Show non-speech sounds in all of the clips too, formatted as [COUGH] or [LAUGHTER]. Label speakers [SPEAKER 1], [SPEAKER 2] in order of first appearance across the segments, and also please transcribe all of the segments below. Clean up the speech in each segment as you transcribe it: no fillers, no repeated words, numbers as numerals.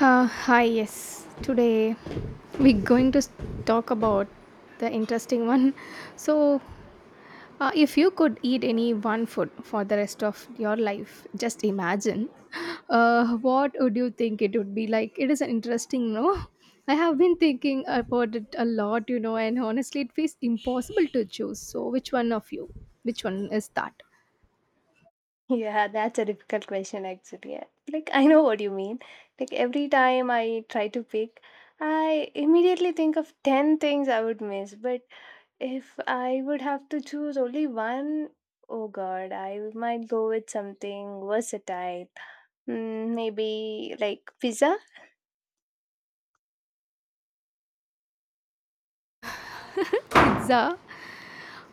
[SPEAKER 1] Hi, yes. Today we're going to talk about the interesting one. [LAUGHS] So, if you could eat any one food for the rest of your life, just imagine what would you think it would be like? It is an interesting, no? I have been thinking about it a lot, you know, and honestly, it feels impossible to choose. So, which one of you? Which one is that?
[SPEAKER 2] Yeah, that's a difficult question actually. Yeah. Like I know what you mean. Like every time I try to pick, I immediately think of 10 things I would miss, but if I would have to choose only one, oh god, I might go with something versatile. Maybe like pizza.
[SPEAKER 1] Pizza.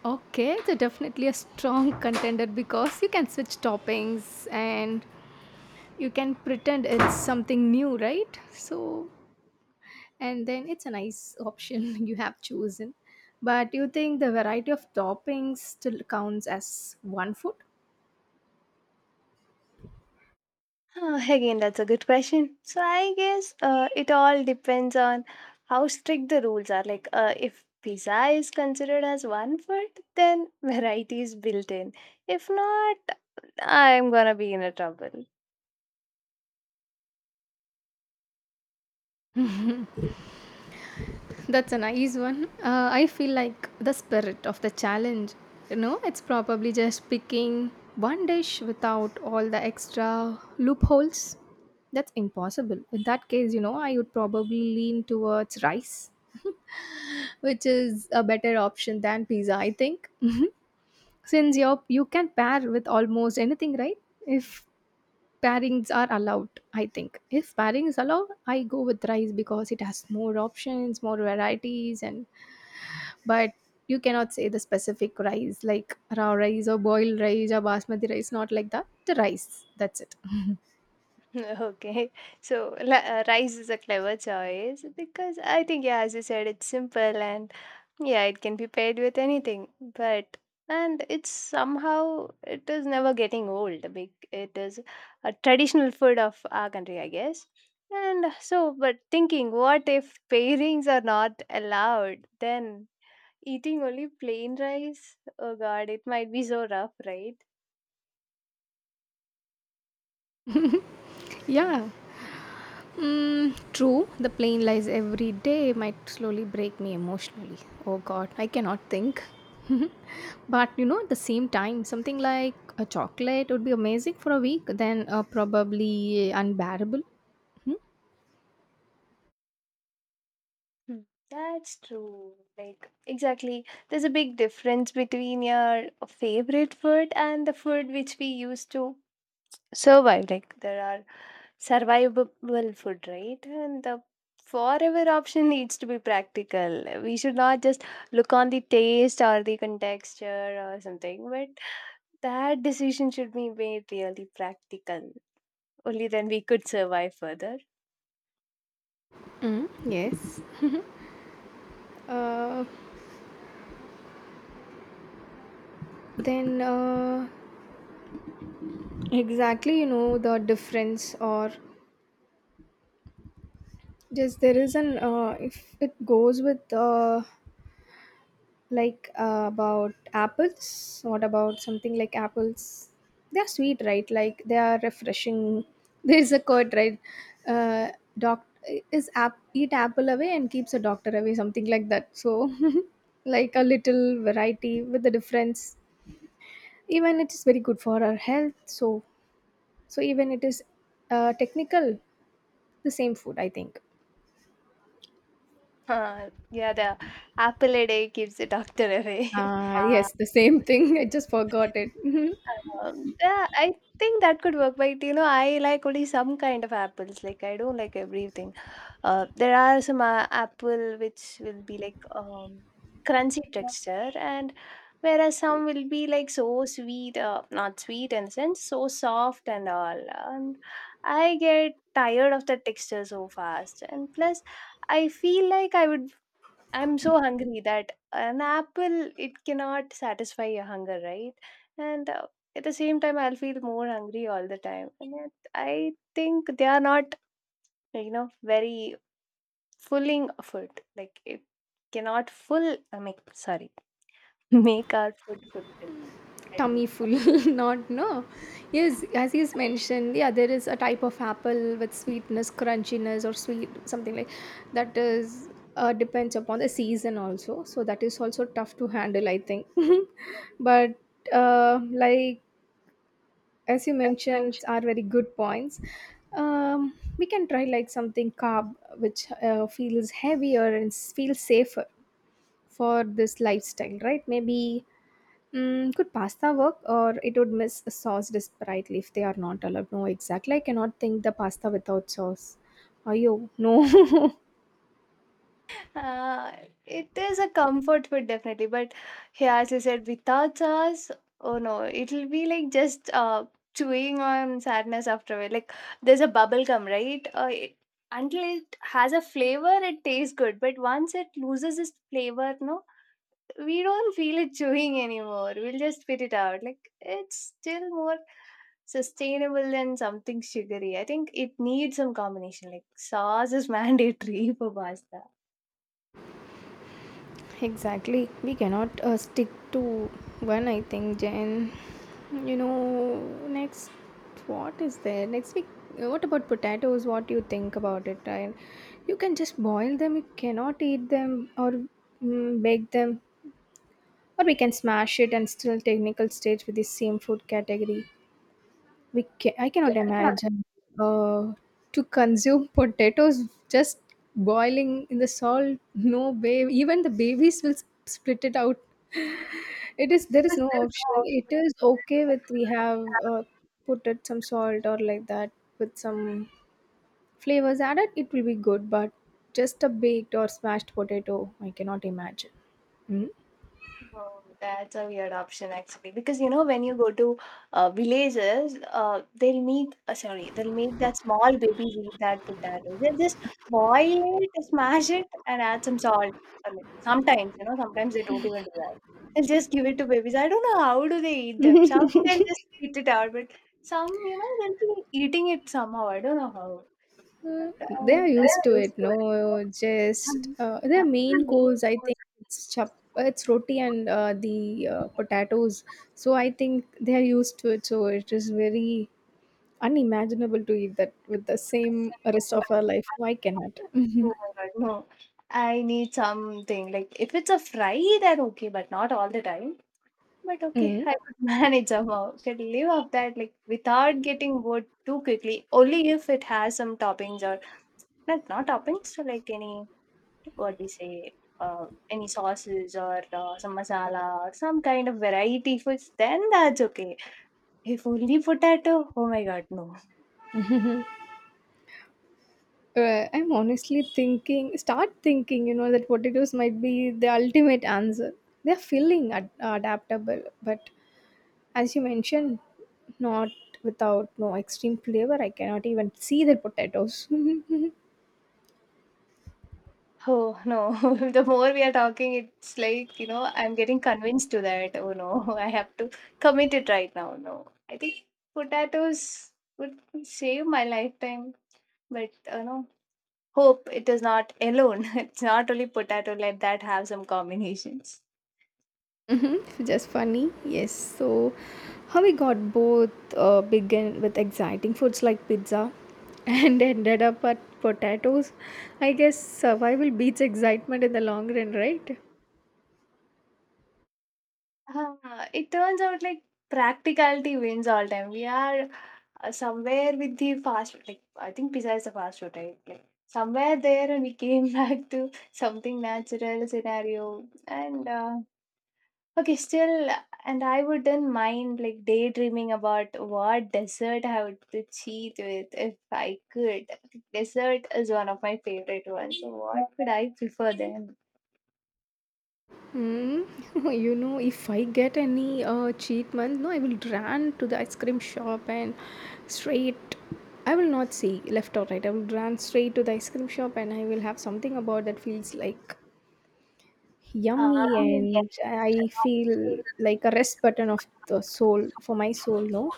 [SPEAKER 1] Okay, so definitely a strong contender because you can switch toppings, and you can pretend it's something new, right? So, and then it's a nice option [LAUGHS] you have chosen. But you think the variety of toppings still counts as one food?
[SPEAKER 2] Again, that's a good question. So I guess it all depends on how strict the rules are. Like, if pizza is considered as one food, then [LAUGHS] variety is built in. If not, I'm gonna be in a trouble.
[SPEAKER 1] That's a nice one. I feel like the spirit of the challenge, you know, it's probably just picking one dish without all the extra loopholes. That's impossible. In that case, you know, I would probably lean towards rice, which is a better option than pizza, I think. [LAUGHS] Since you can pair with almost anything, right? If pairings are allowed, I think. If pairing is allowed, I go with rice because it has more options, more varieties, and but you cannot say the specific rice, like raw rice or boiled rice or basmati rice, not like that. The rice, that's it. [LAUGHS]
[SPEAKER 2] [LAUGHS] Okay, so rice is a clever choice because I think, yeah, as you said, it's simple and yeah, it can be paired with anything, but and it's somehow it is never getting old. Big, it is a traditional food of our country, I guess. And so, but thinking, what if pairings are not allowed? Then eating only plain rice. Oh God, it might be so rough, right?
[SPEAKER 1] Yeah. Mm, true, the plane lies every day might slowly break me emotionally. Oh god, I cannot think. [LAUGHS] But you know, at the same time, something like a chocolate would be amazing for a week, then probably unbearable. Hmm?
[SPEAKER 2] Hmm. That's true. Like exactly, there's a big difference between your favorite food and the food which we used to survive. Like there are survivable food, right? And the forever option needs to be practical. We should not just look on the taste or the contexture or something, but that decision should be made really practical. Only then we could survive further. [LAUGHS]
[SPEAKER 1] Mm, yes. Uh, then, exactly, you know the difference, or just there is an if it goes with like about apples, what about something like apples? They're sweet, right? Like they are refreshing. [LAUGHS] There's a quote, right? uh Doc is app eat apple away and keeps a doctor away, something like that. So [LAUGHS] like a little variety with the difference, even it is very good for our health. So even it is technical the same food, I think.
[SPEAKER 2] Huh, yeah, the apple a day keeps the doctor away. [LAUGHS]
[SPEAKER 1] Ah, yes, the same thing. [LAUGHS] I just forgot it. [LAUGHS]
[SPEAKER 2] Yeah, I think that could work, but you know, I like only some kind of apples. Like I don't like everything. There are some apple which will be like crunchy texture, and whereas some will be like so sweet, not sweet in a sense, so soft and all. And I get tired of the texture so fast, and plus, I feel like I'm so hungry that an apple it cannot satisfy your hunger, right? And at the same time, I'll feel more hungry all the time. And yet, I think they are not, you know, very fulfilling food. Like it cannot full. I mean, sorry, [LAUGHS] make our food fulfill. I
[SPEAKER 1] Tummy
[SPEAKER 2] think.
[SPEAKER 1] full. [LAUGHS] Not, no, yes, as he's mentioned, yeah, there is a type of apple with sweetness, crunchiness, or sweet, something like that is depends upon the season also, so that is also tough to handle, I think. [LAUGHS] But like as you
[SPEAKER 2] That's an
[SPEAKER 1] mentioned are very good points. We can try like something carb, which feels heavier and feels safer for this lifestyle, right? Maybe. Mm, could pasta work, or it would miss a sauce desperately if they are not allowed? No, exactly. I cannot think the pasta without sauce. Are you? No.
[SPEAKER 2] Uh, it is a comfort food definitely, but yeah, as you said, without sauce, oh no, it'll be like just chewing on sadness after it. Like there's a bubble gum, right? Until it has a flavor, it tastes good, but once it loses its flavor, no, we don't feel it chewing anymore. We'll just spit it out. Like it's still more sustainable than something sugary. I think it needs some combination. Like sauce is [LAUGHS] mandatory for pasta.
[SPEAKER 1] [LAUGHS] Exactly. We cannot stick to one. I think, Jen. You know, next, what is there next week? What about potatoes? What do you think about it? I, you can just boil them. You cannot eat them, or bake them, or we can smash it and still technical stage with the same food category. We ca I cannot imagine, uh, to consume [LAUGHS] potatoes just boiling in the salt. No way. Even the babies will s spit it out. It is there is
[SPEAKER 2] Because
[SPEAKER 1] no
[SPEAKER 2] there's
[SPEAKER 1] option.
[SPEAKER 2] no
[SPEAKER 1] It
[SPEAKER 2] option.
[SPEAKER 1] is okay with we have, uh, put it some salt or like that with some flavors added, it will be good, but just a baked or smashed potato, I cannot imagine. Mm.
[SPEAKER 2] Oh, that's a weird option actually. Because you know, when you go to villages, they'll make sorry, they'll make that small babies eat that potatoes. They'll just boil it, smash it, and add some salt. I mean, sometimes you know, sometimes they don't even do that. They'll just give it to babies. I don't know how do they eat them. Some
[SPEAKER 1] [LAUGHS]
[SPEAKER 2] they'll just spit it out, but some you know they'll be eating it somehow. I don't know how.
[SPEAKER 1] Mm,
[SPEAKER 2] And,
[SPEAKER 1] they are used
[SPEAKER 2] they're
[SPEAKER 1] to
[SPEAKER 2] used
[SPEAKER 1] it.
[SPEAKER 2] to it.
[SPEAKER 1] No, just
[SPEAKER 2] Mhm.
[SPEAKER 1] their
[SPEAKER 2] For
[SPEAKER 1] main
[SPEAKER 2] me,
[SPEAKER 1] course. I think it's roti and the potatoes. So I think they are used to it. So it is very unimaginable to eat that with the same rest
[SPEAKER 2] Oh
[SPEAKER 1] of our life. Why cannot?
[SPEAKER 2] oh
[SPEAKER 1] Mhm.
[SPEAKER 2] my God, no. I need something like if it's a fry, then okay, but not all the time. But okay,
[SPEAKER 1] Mm.
[SPEAKER 2] I could [LAUGHS] manage somehow. Could live off that like without getting bored too quickly. Only if it has some toppings or not toppings, so like any what we say, any sauces or some masala or some kind of variety foods. Then that's okay. If only potato, oh my God, no.
[SPEAKER 1] I'm honestly thinking, start thinking, you know, that potatoes might be the ultimate answer. They're filling, adaptable, but as you mentioned, not without no extreme flavor. I cannot even see the potatoes. [LAUGHS]
[SPEAKER 2] Oh, no. [LAUGHS] The more we are talking, it's like, you know, I'm getting convinced to that. Oh, no, [LAUGHS] I have to commit it right now. No, I think potatoes would save my lifetime, but, you know, hope it is not alone. [LAUGHS] It's not only potato, let that have some combinations.
[SPEAKER 1] Mm-hmm. Just funny. Yes. So, how we got both began with exciting foods like pizza and [LAUGHS] ended up at potatoes. I guess survival beats excitement in the long run, right?
[SPEAKER 2] [LAUGHS] Ah, it turns out like practicality wins all time. We are somewhere with the fast, like I think pizza is the fast food, right? Like somewhere there, and we came [LAUGHS] back to something natural scenario. And okay, still, and I wouldn't mind like daydreaming about what dessert I would to cheat with if I could. Dessert is one of my favorite ones. So what could I prefer then? [LAUGHS]
[SPEAKER 1] Mm, [LAUGHS] you know, if I get any cheat month, no, I will run to the ice cream shop and straight. I will not see left or right. I will run straight to the ice cream shop and I will have something about that feels like
[SPEAKER 2] Ah,
[SPEAKER 1] yummy
[SPEAKER 2] yes,
[SPEAKER 1] and I feel like a rest button of the soul for my soul. No.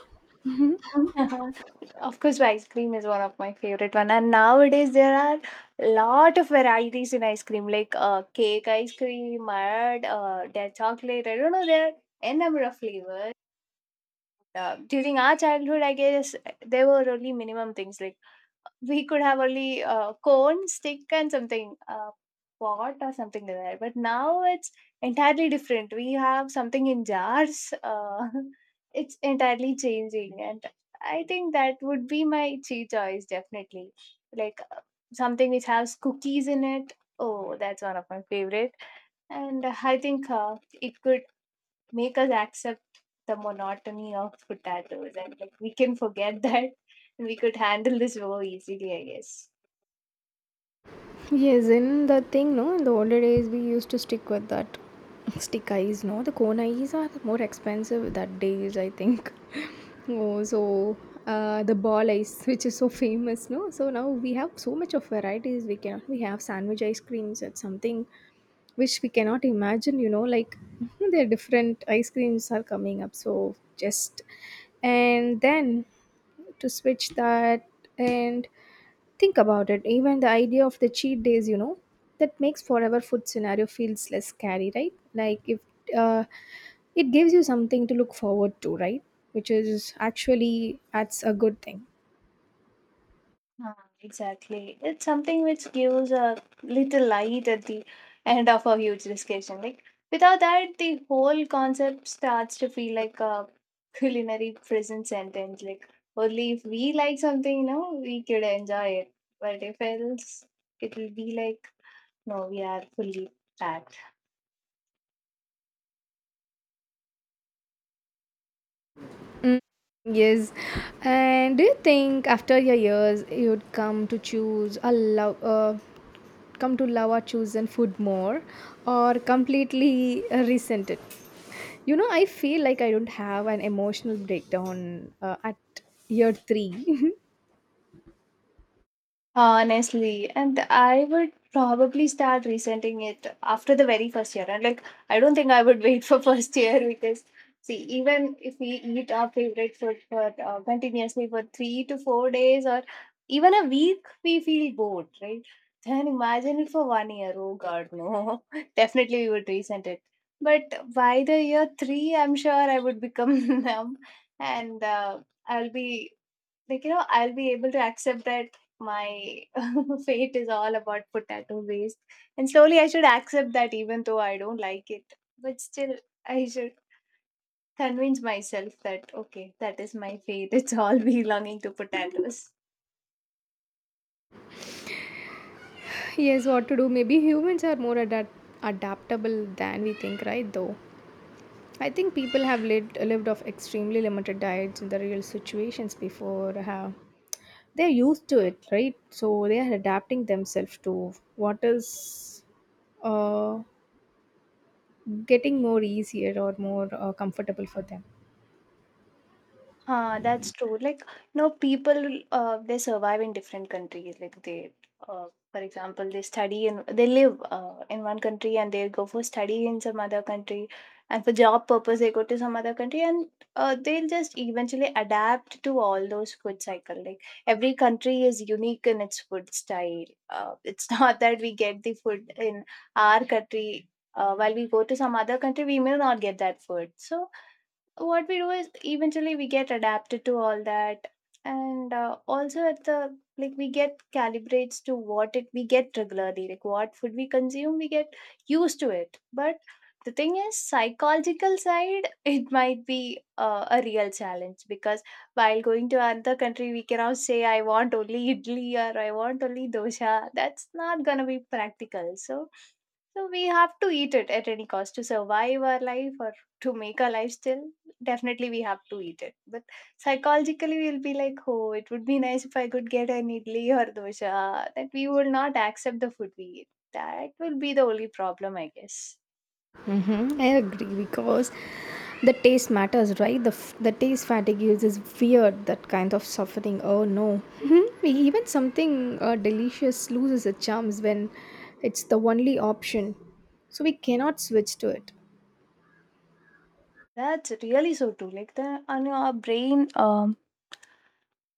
[SPEAKER 2] of course, ice cream is one of my favorite one, and nowadays there are lot of varieties in ice cream, like cake ice cream, mud, their chocolate. I don't know, there are n number of flavors. During our childhood, I guess there were only minimum things like we could have only cone, stick, and something pot or something like that. But now it's entirely different. We have something in jars. [LAUGHS] It's entirely changing, and I think that would be my tea choice definitely. Like something which has cookies in it. Oh, that's one of my favorite. And I think it could make us accept the monotony of potatoes and like we can forget [LAUGHS] that and we could handle this more easily, I guess.
[SPEAKER 1] Yes, in the thing, no, in the older days we used to stick with that [LAUGHS] stick eyes, no. The cone eyes are more expensive that days, I think. [LAUGHS] Oh, so the ball ice, [LAUGHS] which is so famous, no. So now we have so much of varieties. We have sandwich ice creams. It's something which we cannot imagine, you know. Like [LAUGHS] there are different ice creams are coming up. So just, and then, to switch that. And think about it, even the idea of the cheat days, you know, that makes forever food scenario feels less scary, right? Like if uh, it gives you something to look forward to, right? Which is actually that's a good thing.
[SPEAKER 2] Ah, exactly. It's something which gives a little light at the end of a huge discussion. Like without that, the whole concept starts to feel like a culinary prison sentence. Like only if we like something, you know, we could enjoy it. But if else, it will be like no, we are fully packed.
[SPEAKER 1] Mm, yes. And do you think after your years you'd come to choose a love? Come to love our chosen food more, or completely resent it? You know, I feel like I don't have an emotional breakdown at year 3.
[SPEAKER 2] Honestly, and I would probably start resenting it after the very first year. And like, I don't think I would [LAUGHS] wait for first year because, see, even if we eat our favorite food for continuously for 3 to 4 days or even a week, we feel bored, right? Then imagine it for one year. Oh God, no! [LAUGHS] Definitely, we would resent it. But by the year three, I'm sure I would become [LAUGHS] numb, and I'll be like you know I'll be able to accept that my [LAUGHS] fate is all about potato waste and slowly I should accept that even though I don't like it but still I should convince myself that okay that is my fate it's all [LAUGHS] belonging to potatoes.
[SPEAKER 1] [LAUGHS] Yes, what to do, maybe humans are more adaptable than we think, right? Though I think people have lived off extremely limited diets in the real situations before. They're used to it, right? So they are adapting themselves to what is uh, getting more easier or more comfortable for them.
[SPEAKER 2] Huh, that's true. Like, you know, people they survive in different countries. Like they, uh, for example, they study and they live in one country and they go for study in some other country, and for job purpose they go to some other country, and they'll just eventually adapt to all those food cycle. Like every country is unique in its food style. It's [LAUGHS] not that we get the food in our country. While we go to some other country, we may not get that food. So what we do is eventually we get adapted to all that and also at the like we get calibrates to what it we get regularly like what food we consume we get used to it but the thing is psychological side [LAUGHS] it might be a real challenge because while going to another country we cannot say I want only [LAUGHS] idli or I want only dosha that's not gonna be practical so so we have to eat it at any cost to survive our life or to make our life still. Definitely, we have to eat it. But psychologically, we'll be like, oh, it would be nice if I could get an idli or dosha. That we will not accept the food we eat. That will be the only problem, I guess.
[SPEAKER 1] Mm-hmm. I agree because the taste matters, right? The taste fatigue is weird, that kind of suffering. Oh no. Mm-hmm. Even something delicious loses its charms when it's the only option, so we cannot switch to it.
[SPEAKER 2] That's really so true. Like the on your brain,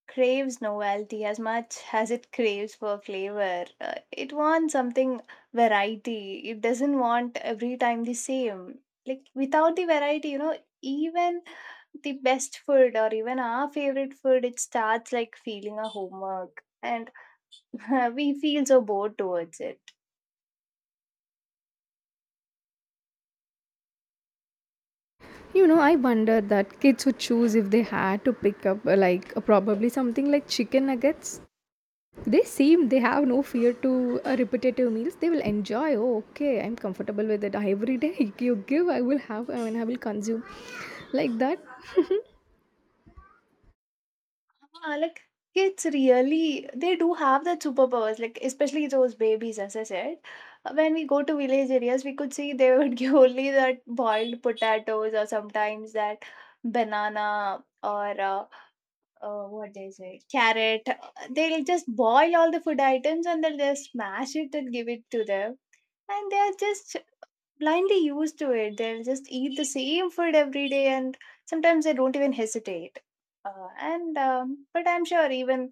[SPEAKER 2] craves novelty as much as it craves for flavor. It wants something variety. It doesn't want every time the same. Like without the variety, you know, even the best food or even our favorite food, it starts like feeling a homework, and [LAUGHS] we feel so bored towards it.
[SPEAKER 1] You know, I wonder that kids would choose if they had to pick up like probably something like chicken nuggets. They seem they have no fear to repetitive meals. They will enjoy. Oh, okay, I'm comfortable with it. Every day [LAUGHS] you give, I will have. I mean, I will consume like that.
[SPEAKER 2] Ah, like kids really they do have that superpowers like especially those babies as I said. When we go to village areas we could see they [LAUGHS] would give only that boiled potatoes or sometimes that banana or what they say carrot. They'll just boil all the food items and they'll just smash it and give it to them and they're just blindly used to it they'll just eat the same food every day and sometimes they don't even hesitate and but I'm sure even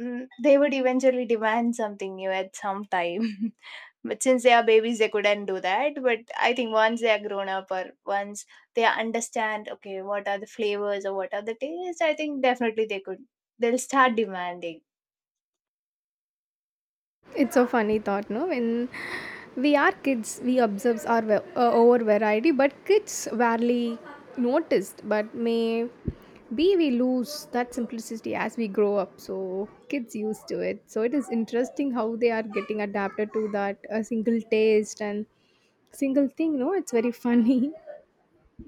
[SPEAKER 2] They would eventually demand something new at some time. [LAUGHS] But since they are babies, they couldn't do that. But I think once they are grown up or once they understand, okay, what are the flavors or what are the tastes, I think definitely they could. They'll start demanding.
[SPEAKER 1] It's a funny thought, no? When we are kids, we observe our over variety, but kids rarely noticed. But may be we lose that simplicity as we grow up. So kids used to it. So it is interesting how they are getting adapted to that a single taste and single thing. No, it's very [LAUGHS] funny.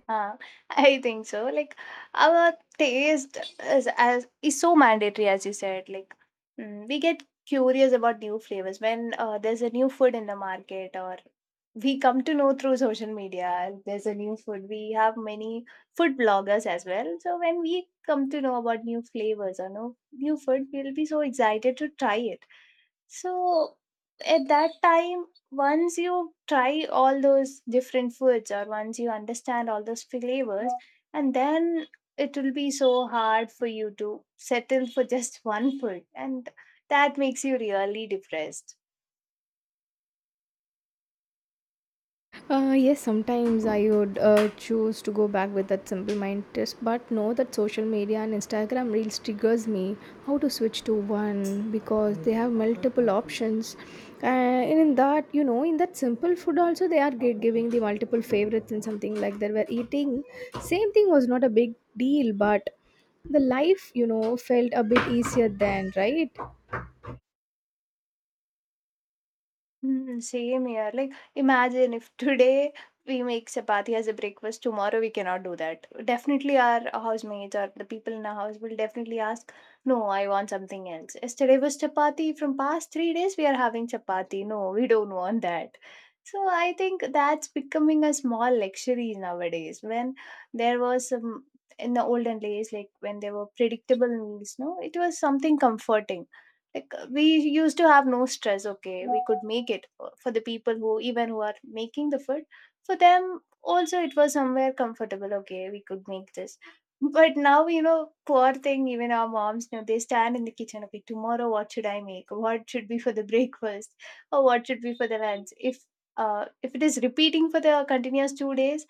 [SPEAKER 2] Uh, I think so. Like our taste is as is so mandatory as you said. Like we get curious about new flavors when there's a new food in the market, or we come to know through social media. There's a new food. We have many food bloggers as well. So when we come to know about new flavors or no new food, we'll be so excited to try it. So at that time, once you try all those different foods or once you understand all those flavors, and then it will be so hard for you to settle for just [LAUGHS] one food, and that makes you really depressed.
[SPEAKER 1] Yes, sometimes I would choose to go back with that simple mind test, but know that social media and Instagram reels triggers me how to switch to one because they have multiple options. And in that, you know, in that simple food also they are giving the multiple favorites and something like that. Where eating, same thing was not a big deal, but the life, you know, felt a bit easier then, right?
[SPEAKER 2] Mm, same here. Like, imagine if today we make chapati as a breakfast, tomorrow we cannot do that. Definitely, our housemates or the people in our house will definitely ask, "No, I want something else. Yesterday was chapati. From past 3 days, we are having chapati. No, we don't want that." So, I think that's becoming a small luxury nowadays. When there was some in the olden days, like when there were predictable meals, no, it was something comforting. Like we used to have no stress. Okay, we could make it for the people who even who are making the food for them. Also, it was somewhere comfortable. Okay, we could make this. But now, poor thing, even our moms, they stand in the kitchen. Okay, tomorrow what should I make? What should be for the [LAUGHS] breakfast or what should be for the lunch if it is repeating for the continuous 2 days,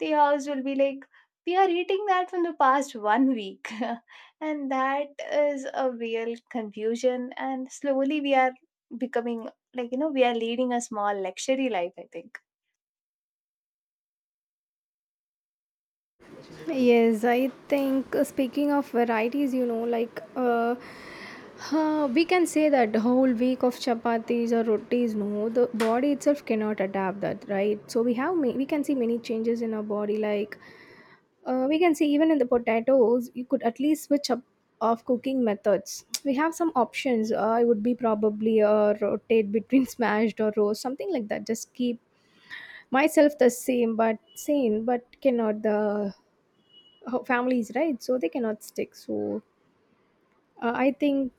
[SPEAKER 2] the house will be like we are eating that from the past one week. [LAUGHS] And that is a real confusion, and slowly we are becoming, like, we are leading a small luxury life, I think.
[SPEAKER 1] Yes, I think speaking of varieties, you know, we can say that the whole week of chapatis or rotis, no, the body itself cannot adapt that, right? So we have we can see many changes in our body, like we can see even in the potatoes, you could at least switch up of cooking methods. We have some options. It would be probably rotate between [LAUGHS] smashed or roast, something like that. Just keep myself the same but sane, but cannot the families, right? So they cannot stick. So I think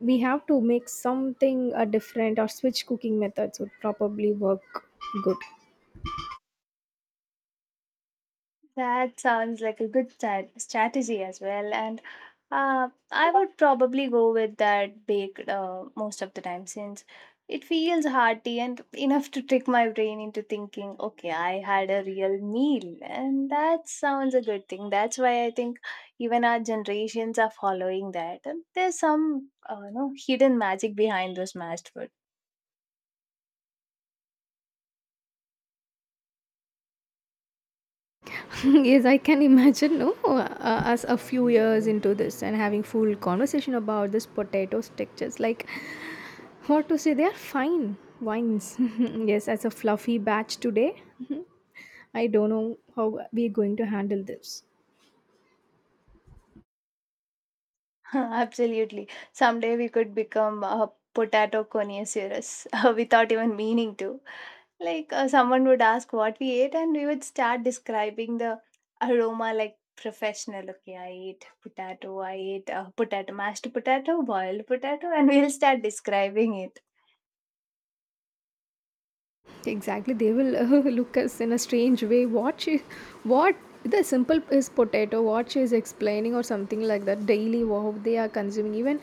[SPEAKER 1] we have to make something different, or switch cooking methods would probably work good.
[SPEAKER 2] That sounds like a good strategy as well. And I would probably go with that baked most of the time, since it feels hearty and enough to trick my brain into thinking, okay, I had a real meal. And that sounds a good thing. That's why I think even our generations are following that. And there's some hidden magic behind those mashed food.
[SPEAKER 1] [LAUGHS] Yes, I can imagine, no. As a few years into this and having full conversation about this potato textures, like what to say, they are fine wines. [LAUGHS] Yes, as a fluffy batch today. [LAUGHS] I don't know how we're going to handle this.
[SPEAKER 2] [LAUGHS] Absolutely. Someday we could become a potato connoisseurs [LAUGHS] without even meaning to. Like someone would ask what we ate, and we would start describing the aroma like professional. Okay, I ate potato. I ate potato, mashed potato, boiled potato, and we'll start describing it.
[SPEAKER 1] Exactly, they will [LAUGHS] look us in a strange way. What she, what, the simple is potato. What she is explaining or something like that daily. Wow, they are consuming even.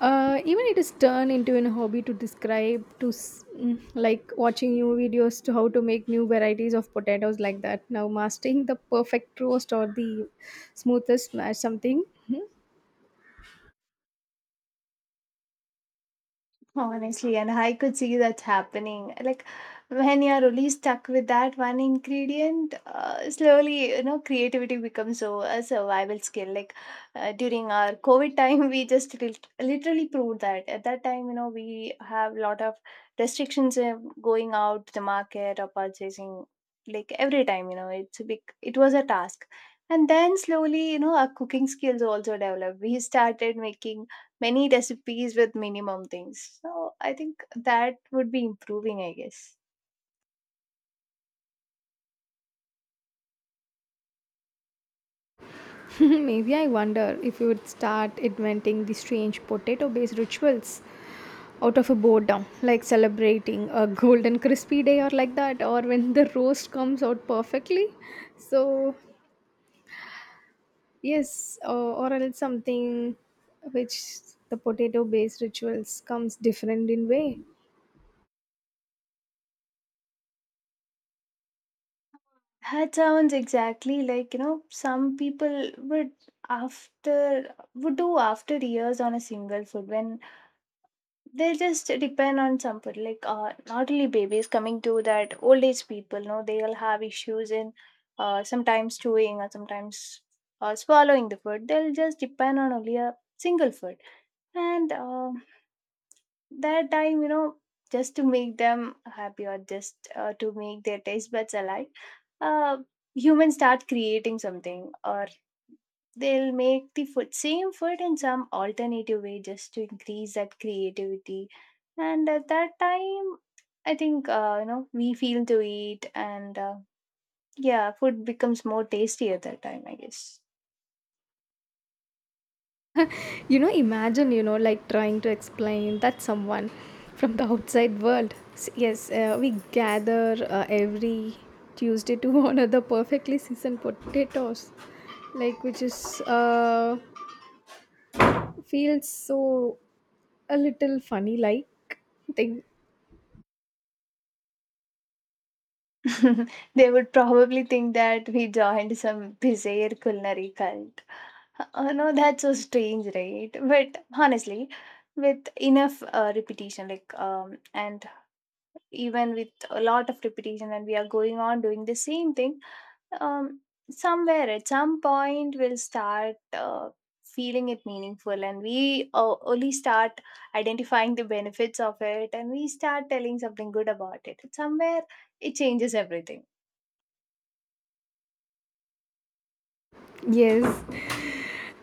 [SPEAKER 1] Even it is turned into a hobby to describe to like watching new videos to how to make new varieties of potatoes like that, now mastering the perfect roast or the smoothest mash, something. [LAUGHS]
[SPEAKER 2] Honestly, and I could see that happening. Like when you're only stuck with that one ingredient, slowly, creativity becomes so a survival skill. Like during our COVID time, we just literally proved that. At that time, we have a lot of restrictions going out to the market or purchasing. Like every time, it's a big. It was a task, and then slowly, our cooking skills also developed. We started making many recipes with minimum things. So I think that would be improving, I guess.
[SPEAKER 1] Maybe I wonder if you would start inventing the strange potato based rituals out of a boredom, like celebrating a golden crispy day or like that, or when the roast comes out perfectly. So, yes, or else something which the potato based rituals comes different in way.
[SPEAKER 2] That sounds exactly like, some people would after would do after years on a single food when they just depend on somebody. Like not only babies coming to that old age people, no, they'll have issues in sometimes chewing or sometimes swallowing the food. They'll just depend on only a single food. And that time just to make them happy or just to make their taste buds alive, uh, humans start creating something, or they'll make the food same food in some alternative way just to increase that creativity. And at that time, I think we feel to eat. And yeah, food becomes more tasty at that time, I guess.
[SPEAKER 1] [LAUGHS] You know, imagine, you know, like trying to explain that someone from the outside world. Yes, we gather every Tuesday to [LAUGHS] honor the perfectly seasoned potatoes, like which is. Feels so a little funny like thing.
[SPEAKER 2] [LAUGHS] They would probably think that we joined some bizarre culinary cult. Oh no, that's so strange, right? But honestly, with enough repetition, like and even with a lot of repetition, and we are going on doing the same thing, um, somewhere at some point we'll start feeling it meaningful, and we only start identifying the benefits of it, and we start telling something good about it. Somewhere it changes everything.
[SPEAKER 1] Yes,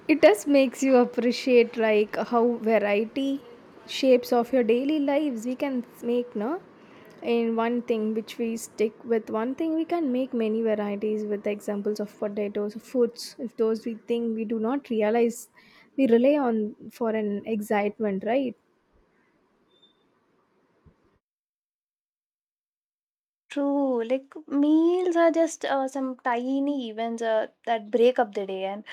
[SPEAKER 1] it does makes you appreciate like how variety shapes of your daily lives. We can make, no, in one thing, which we stick with one thing, we can make many varieties with examples of potatoes, fruits, if those we think we do not realize we rely on for an excitement, right?
[SPEAKER 2] True, like meals are just some tiny events that break up the day, and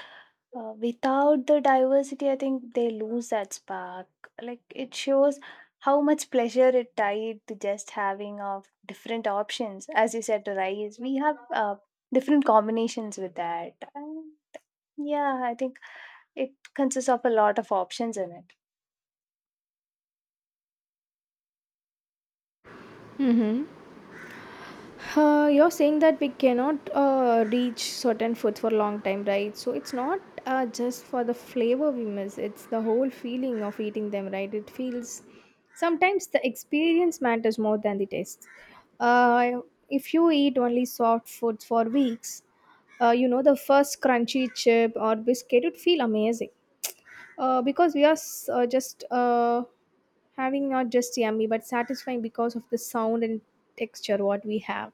[SPEAKER 2] without the diversity, I think they lose that spark. Like, it shows how much pleasure it tied to just having of different options. As you said, rice, we have different combinations with that. Yeah, I think it consists of a lot of options in it.
[SPEAKER 1] You're saying that we cannot reach certain food for a long time, right? So it's not just for the flavor we miss; it's the whole feeling of eating them, right? It feels sometimes the experience matters more than the taste. Uh, if you eat only soft foods for weeks, you know the first crunchy chip or biscuit would feel amazing, because we are just having not just yummy but satisfying because of the sound and texture what we have.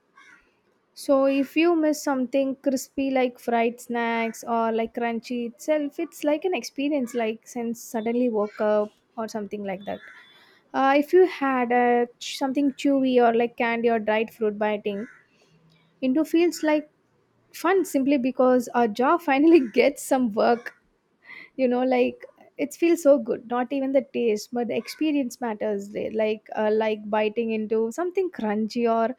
[SPEAKER 1] So if you miss something crispy like fried snacks or like crunchy itself, it's like an experience like since suddenly woke up or something like that. If you had a something chewy or like candy or dried fruit biting into feels like fun simply because our jaw finally [LAUGHS] gets some work. You know, like it feels so good. Not even the taste, but the experience matters there. Like biting into something crunchy, or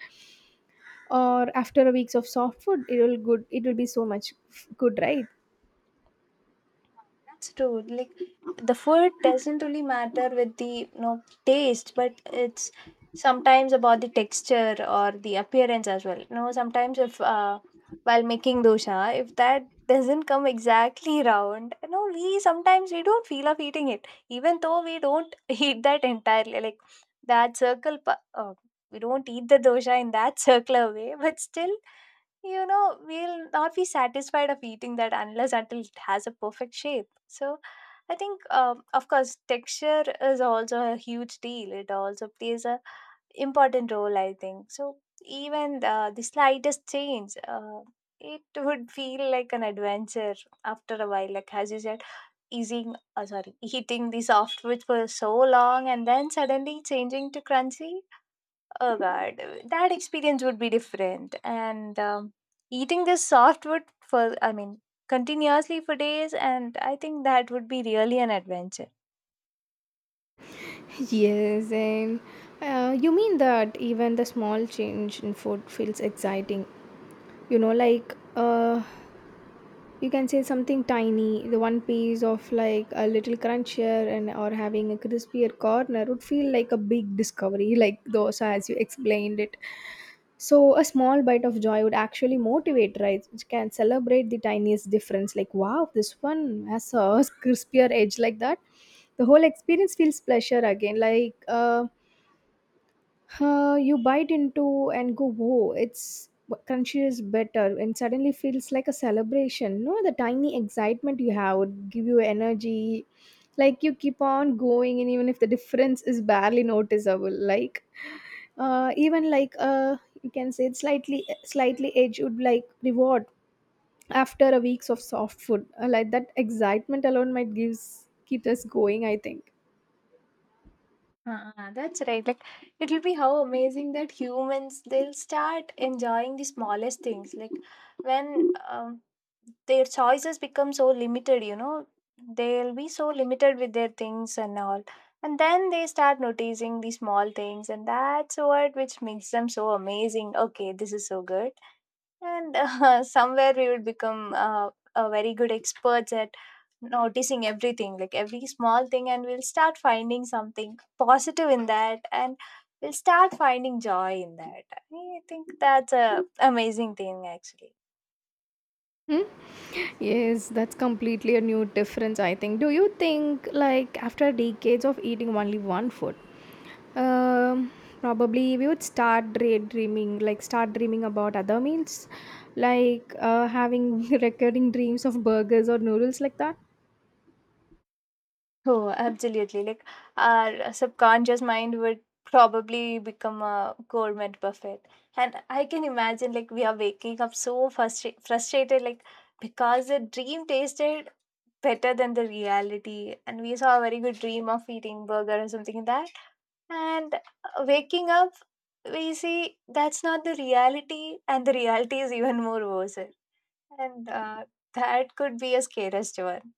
[SPEAKER 1] or after a weeks of soft food it will good, it will be so much good, right?
[SPEAKER 2] That's true. Like, the food doesn't really matter with the taste, but it's sometimes about the texture or the appearance as well. You know, sometimes if while making dosha, if that doesn't come exactly round, you know, we sometimes we don't feel of eating it, even though we don't [LAUGHS] eat that entirely. Like that circle, we don't eat the dosha in that [LAUGHS] circular way, but still we'll not be satisfied of eating that unless until it has a perfect shape. So I think of course texture is also a huge deal. It also plays a important role, I think so. Even the slightest change, it would feel like an adventure after a while. Like, as you said, easing, sorry, [LAUGHS] eating the soft which for so long and then suddenly changing to crunchy. Oh God, that experience would be different. And eating this softwood for, I mean, continuously for days, and I think that would be really an adventure.
[SPEAKER 1] Yes, and you mean that even the small change in food feels exciting. You know, like you can say something tiny, the one piece of like a little crunchier and or having a crispier corner would feel like a big discovery [LAUGHS] like those as you explained it. So a small bite of joy would actually motivate, right? Which can celebrate the tiniest difference like, wow, this one has a [LAUGHS] crispier edge, like that. The whole experience feels pleasure again, like you bite into and go whoa, it's crunchy is better, and suddenly feels like a celebration, no. The tiny excitement you have would give you energy, like you keep on going. And even if the difference is barely noticeable, like even like you can say it's slightly edge would like reward after a weeks of soft food. Like that excitement alone might gives keep us going, I think.
[SPEAKER 2] Ah, that's right. Like, it'll be how amazing that humans they'll start enjoying the smallest things. Like when their choices become so limited, they'll be so limited with their things and all. And then they start noticing the small things, and that's what which makes them so amazing. Okay, this is so good. And [LAUGHS] somewhere we would become a very good experts at noticing everything, like every small thing, and we'll start finding something positive in that, and we'll start finding joy in that. I think that's a amazing thing actually.
[SPEAKER 1] Hmm? Yes, that's completely a new difference, I think. Do you think, like, after decades of eating only one food, um, probably we would start daydreaming, like, start dreaming about other meals, like having [LAUGHS] recurring dreams of burgers or noodles, like that?
[SPEAKER 2] Oh, absolutely. Like our subconscious mind would probably become a gourmet buffet, and I can imagine like we are waking up so frustrated, like because the dream tasted better than the reality, and we saw a very good dream of eating burger or something like that. And waking up, we see that's not the reality, and the reality is even more worse. And that could be a scariest one.